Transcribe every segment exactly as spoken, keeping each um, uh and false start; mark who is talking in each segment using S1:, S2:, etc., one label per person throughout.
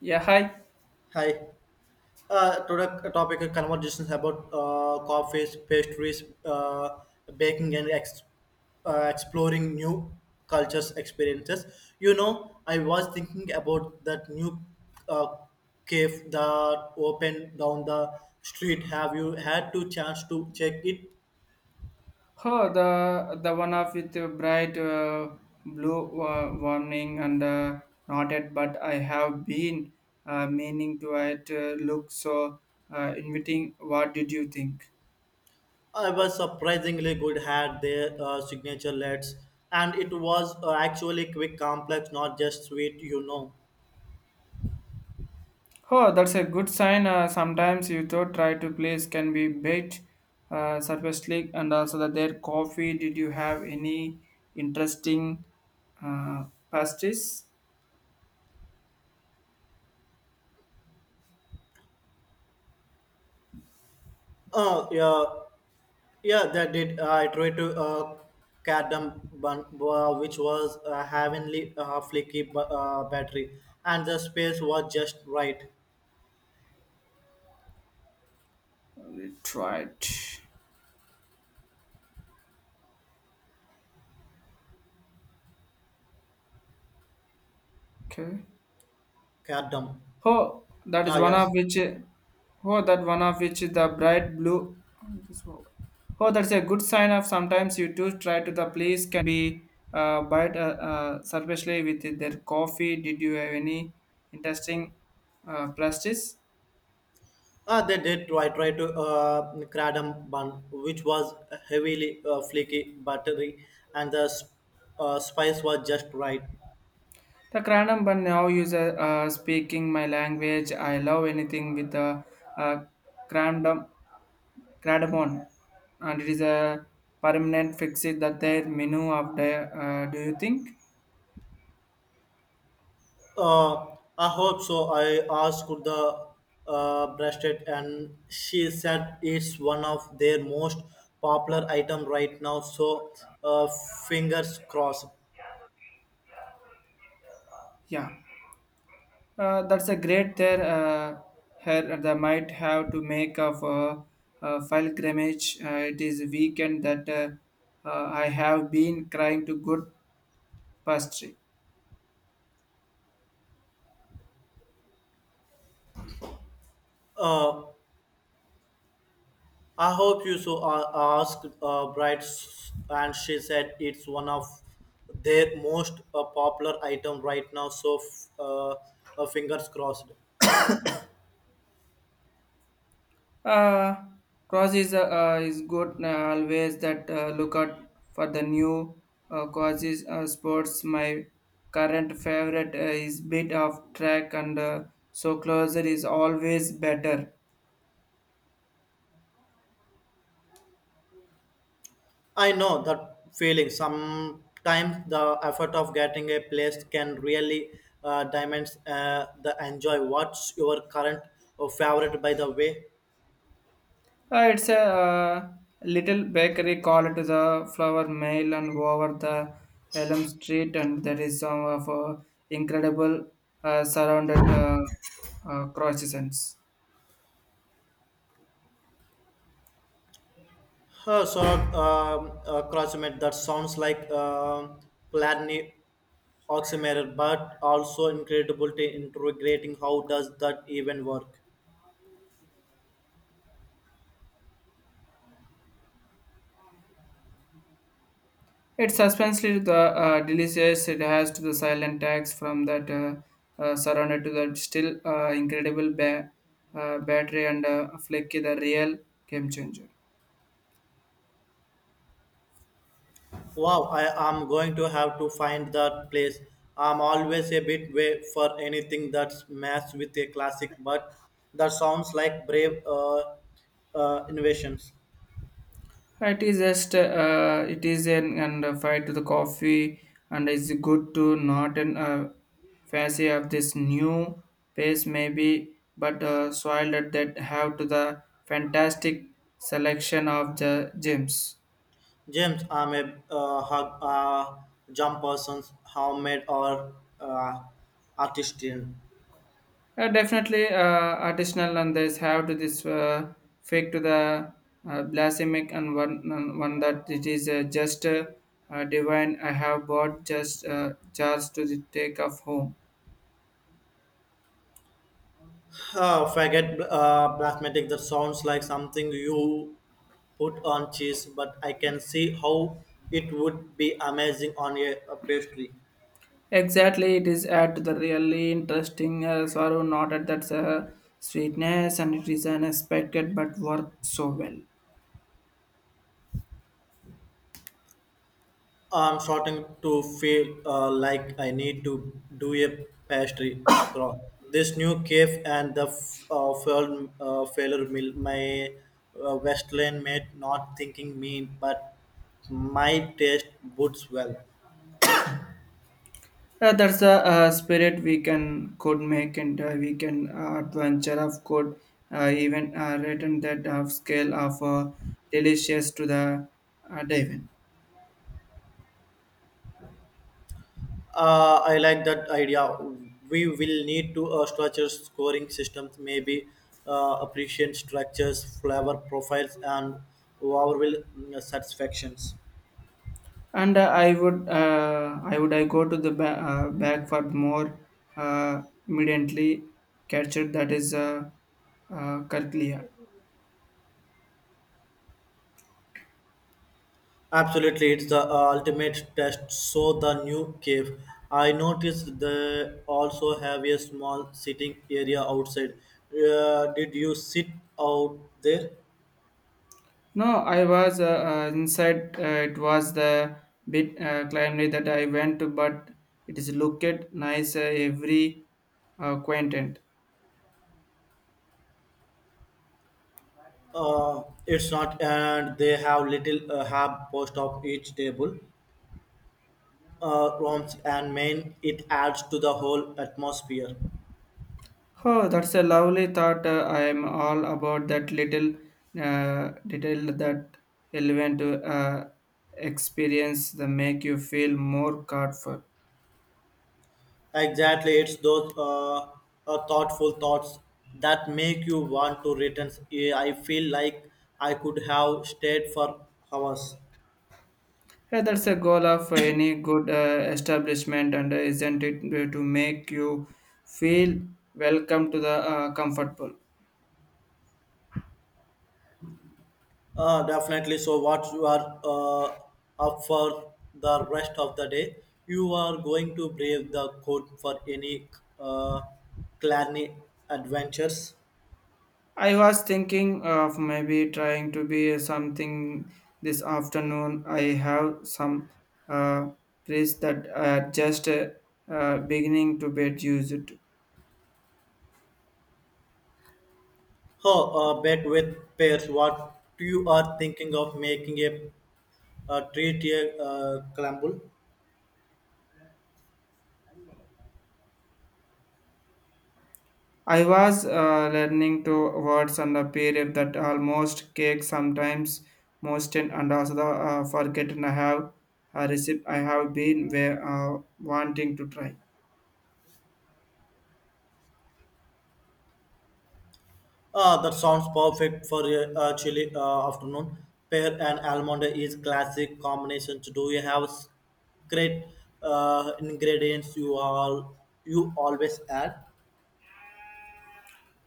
S1: Yeah, hi.
S2: Hi. Uh, today uh, topic of conversation about uh, coffees, pastries, uh, baking, and ex- uh, exploring new cultures experiences. You know, I was thinking about that new uh, cave that opened down the street. Have you had to chance to check it?
S1: Oh, the the one of with the bright uh, blue uh, warning and uh, nodded, but I have been uh, meaning to it uh, look so uh, inviting. What did you think?
S2: I was surprisingly good. Had their uh, signature lights, and it was uh, actually quick, complex, not just sweet. You know.
S1: Oh, that's a good sign. Uh, sometimes you thought try to place can be bait, uh, surface leak, and also that their coffee. Did you have any interesting uh, pastries?
S2: Uh, yeah. Yeah, that did. Uh, I tried to uh, cadam bun, uh, which was a heavenly uh, flicky bu- uh, battery, and the space was just right.
S1: We tried. Okay.
S2: Cadam.
S1: Oh, that
S2: Ah,
S1: is one of
S2: yes.
S1: which. Oh, that one of which is the bright blue. Oh, it is over. Oh, that's a good sign of sometimes you do try to the police can be uh, bite uh, uh, surfacely with their coffee. Did you have any interesting uh, plastics?
S2: Ah, they did. I tried to uh, cadam bun, which was heavily uh, flicky battery, and the sp- uh, spice was just right.
S1: The random but now user uh, uh, speaking my language. I love anything with the uh, crandom cardamom, and it is a permanent fix it that their menu of the. Uh, do you think?
S2: Uh, I hope so. I asked the uh, bracelet, and she said it's one of their most popular item right now. So, uh, fingers crossed.
S1: Yeah. Uh, that's a great there. Uh, here they might have to make of uh, uh, pilgrimage. Uh, it is a weekend that uh, uh, I have been crying to good pastry.
S2: Uh, I hope you so uh, asked uh, bride, and she said it's one of their most uh, popular item right now. So, f- uh, uh, fingers crossed.
S1: Uh, cross is uh, uh, is good uh, always. That uh, look out for the new uh, causes uh, sports. My current favorite uh, is bit of track and uh, so closer is always better.
S2: I know that feeling. Sometimes the effort of getting a place can really uh, diminish uh, the enjoy. What's your current uh, favorite, by the way?
S1: Uh, it's a uh, little bakery called the Flower Mill and over the Elm Street, and there is some of uh, incredible uh, surrounded uh, uh, croissants.
S2: Uh, so, um, uh, crossmate, that sounds like um Platini oximeter, but also incredible to integrating. How does that even work?
S1: It's suspensely the uh, delicious. It has to the silent tags from that uh, uh, surrounded to the still uh, incredible ba- uh, battery and uh, flaky the real game changer.
S2: Wow, I am going to have to find that place. I'm always a bit way for anything that's matched with a classic, but that sounds like brave uh, uh, innovations.
S1: It is just uh, uh, it is an and uh, fight to the coffee and it's good to not an uh, fancy of this new pace maybe but uh, soil that that have to the fantastic selection of the gyms.
S2: James, I'm a uh, hug, uh, jump person, homemade or uh, artisan.
S1: Uh, definitely uh, additional and this have to this uh, fake to the uh, blasphemic and one and one that it is uh, just uh, uh, divine. I have bought just uh, jars to the take of home.
S2: Uh, forget uh, plasmatic, that sounds like something you put on cheese, but I can see how it would be amazing on a, a pastry.
S1: Exactly, it is at the really interesting uh, sorrow, not at that uh, sweetness, and it is unexpected but worked so well.
S2: I'm starting to feel uh, like I need to do a pastry crawl. This new cave and the f- uh, failed, uh, failure mill, my uh, Westland mate not thinking mean, but my taste boots well.
S1: Uh, that's the uh, spirit we can could make, and uh, we can uh, adventure of could uh, even uh, written that of scale of uh, delicious to the uh, divine.
S2: Uh, I like that idea. We will need to uh, structure scoring systems, maybe uh, appreciate structures, flavor profiles, and overall mm, satisfactions.
S1: And uh, I would uh, I would I go to the ba- uh, back for more uh, immediately captured that is uh, uh, Karklia.
S2: Absolutely, it's the uh, ultimate test. So the new cave. I noticed they also have a small sitting area outside. Uh, did you sit out there?
S1: No, I was uh, uh, inside. Uh, it was the bit uh, climate that I went to, but it is looked nice uh, every uh, quaint.
S2: Uh, it's not, and they have little uh, hub post of each table, uh, rooms, and main. It adds to the whole atmosphere.
S1: Oh, that's a lovely thought. Uh, I am all about that little uh, detail that element to uh, experience that make you feel more comfortable.
S2: Exactly, it's those uh, uh, thoughtful thoughts that make you want to return. Eh, I feel like I could have stayed for hours.
S1: Yeah, that's a goal of any good uh, establishment, and uh, isn't it to make you feel welcome to the uh, comfortable?
S2: Uh, definitely. So, what you are uh, up for the rest of the day? You are going to brave the cold for any uh, clanny adventures.
S1: I was thinking of maybe trying to be something this afternoon. I have some uh, press that are just uh, uh, beginning to get used.
S2: Oh, uh, bet with pairs. What you are thinking of making a, a treat a uh, crumble?
S1: I was uh, learning to words and the period that almost cake sometimes most in and also the, uh, forgotten I have a recipe I have been where, uh, wanting to try.
S2: Uh, that sounds perfect for a uh, chilly uh, afternoon. Pear and almond is classic combinations. Do you have s- great uh, ingredients you all you always add?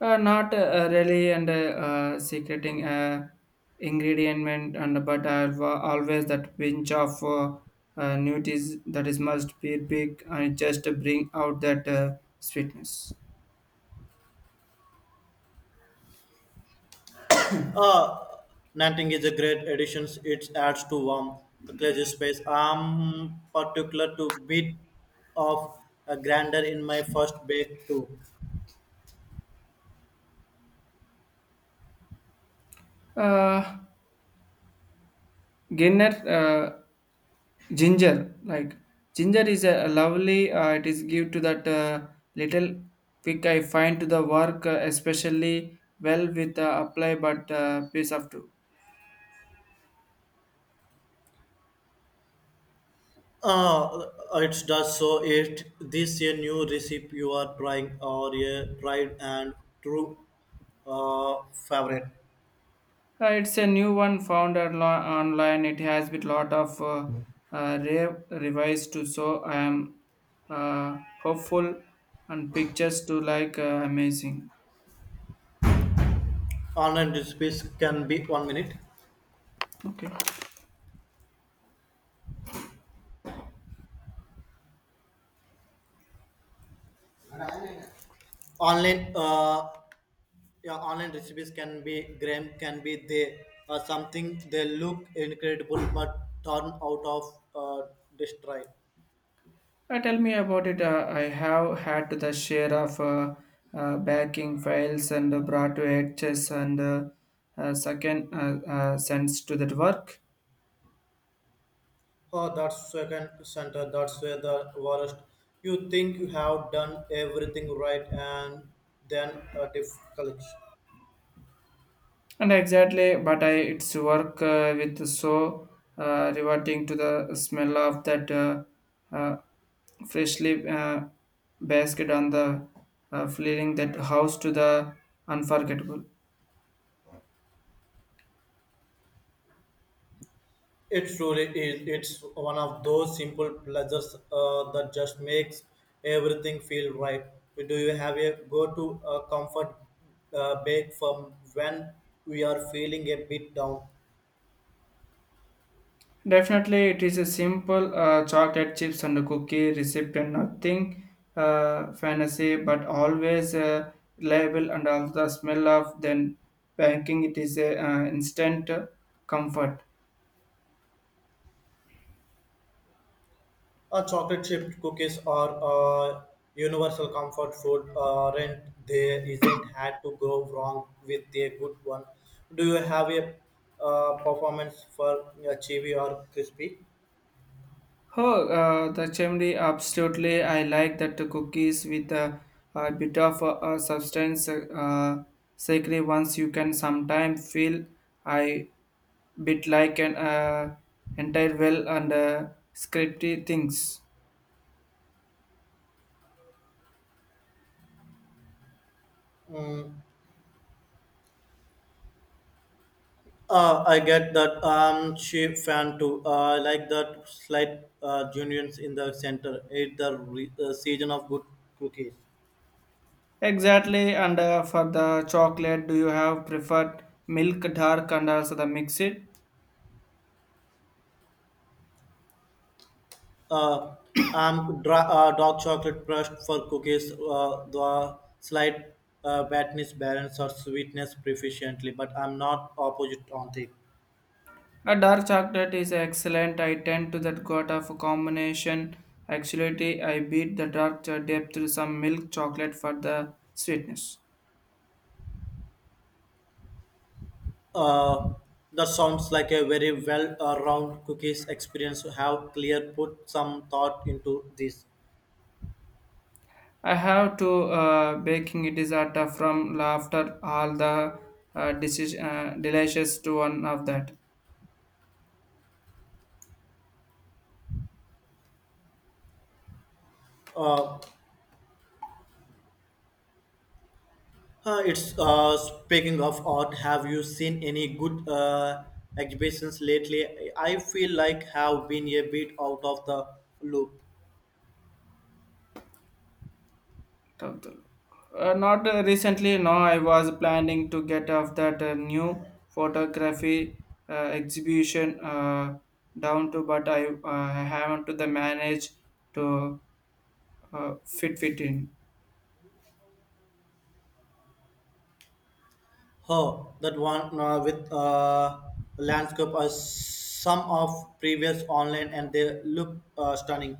S1: Uh, not uh, really, and uh, uh, secreting uh, ingredient, and but I've uh, always that pinch of uh, uh, nuties that is must be big and just to bring out that uh, sweetness.
S2: Uh, Nanting is a great addition. It adds to warm cozy space. I'm particular to bit of a grander in my first bake too.
S1: Uh, Ginner, uh, ginger, like ginger is a lovely. Uh, it is give to that uh, little quick I find to the work, uh, especially well with uh, apply but uh, piece of two.
S2: Uh, it does so. It this a new recipe you are trying or a tried and true uh, favorite.
S1: Uh, it's a new one found onli- online. It has with lot of uh, uh, re- revised to so I am uh, hopeful and pictures to like uh, amazing.
S2: Online recipes can be one minute.
S1: Okay,
S2: Online uh, yeah, Online recipes can be gram can be they uh, something they look incredible but turn out of uh, destroyed.
S1: uh, tell me about it. Uh, I have had the share of uh, uh, backing files and uh, brought to edges and uh, uh, second uh, uh, sense to that work.
S2: Oh, that's second center. That's where the worst. You think you have done everything right, and then a difficult.
S1: And exactly, but I its work uh, with so uh, reverting to the smell of that uh, uh, freshly uh, basket on the uh, fleeing that house to the unforgettable.
S2: It truly is. It's one of those simple pleasures uh, that just makes everything feel right. Do you have a go-to uh, comfort uh, bake from when we are feeling a bit down?
S1: Definitely, it is a simple uh, chocolate chips and cookie recipe and nothing uh, fantasy, but always uh, reliable and also the smell of then banking. It is a uh, instant comfort.
S2: Uh, chocolate chip cookies are uh, universal comfort food. Uh, rent there isn't had to go wrong with a good one. Do you have a uh, performance for uh, chewy or crispy?
S1: Oh, uh, the chimney, absolutely. I like that cookies with a, a bit of a, a substance, uh, sacred ones. You can sometimes feel I bit like an uh, entire well and uh, scripty things.
S2: Mm, Uh, I get that. I'm she fan too. Uh, I like that slight uh, unions in the center. It's the re- uh, season of good cookies.
S1: Exactly. And uh, for the chocolate, do you have preferred milk, dark, and also the mixed?
S2: Uh, I'm dra- uh, dark chocolate brushed for cookies. Uh, the slight uh, fatness balance or sweetness proficiently, but I'm not opposite on it.
S1: A dark chocolate is excellent. I tend to that got of a combination. Actually, I beat the dark cho- depth to some milk chocolate for the sweetness.
S2: Uh, that sounds like a very well-round cookies experience. Have clear put some thought into this.
S1: I have to uh, baking it is at uh, from laughter all the uh, deci- uh, delicious to one of that.
S2: Uh, Uh, it's uh, Speaking of art. Have you seen any good uh, exhibitions lately? I feel like have been a bit out of the loop.
S1: Uh, not uh, recently, no. I was planning to get off that uh, new photography uh, exhibition uh, down to, but I uh, haven't to the manage to uh, fit fit in.
S2: Huh, that one uh, with uh, landscape as some of previous online, and they look uh, stunning.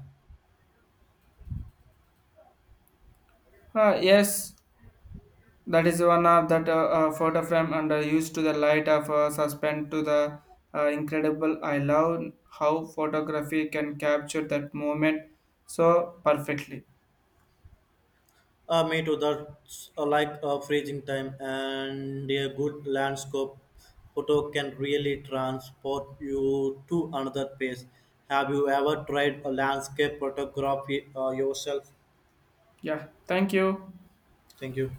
S1: Uh, yes, that is one of that uh, uh, photo frame and uh, used to the light of uh, suspend to the uh, incredible. I love how photography can capture that moment so perfectly.
S2: Uh, me too. That's uh, like a freezing time, and a good landscape photo can really transport you to another place. Have you ever tried a landscape photography uh, yourself?
S1: Yeah, thank you.
S2: Thank you.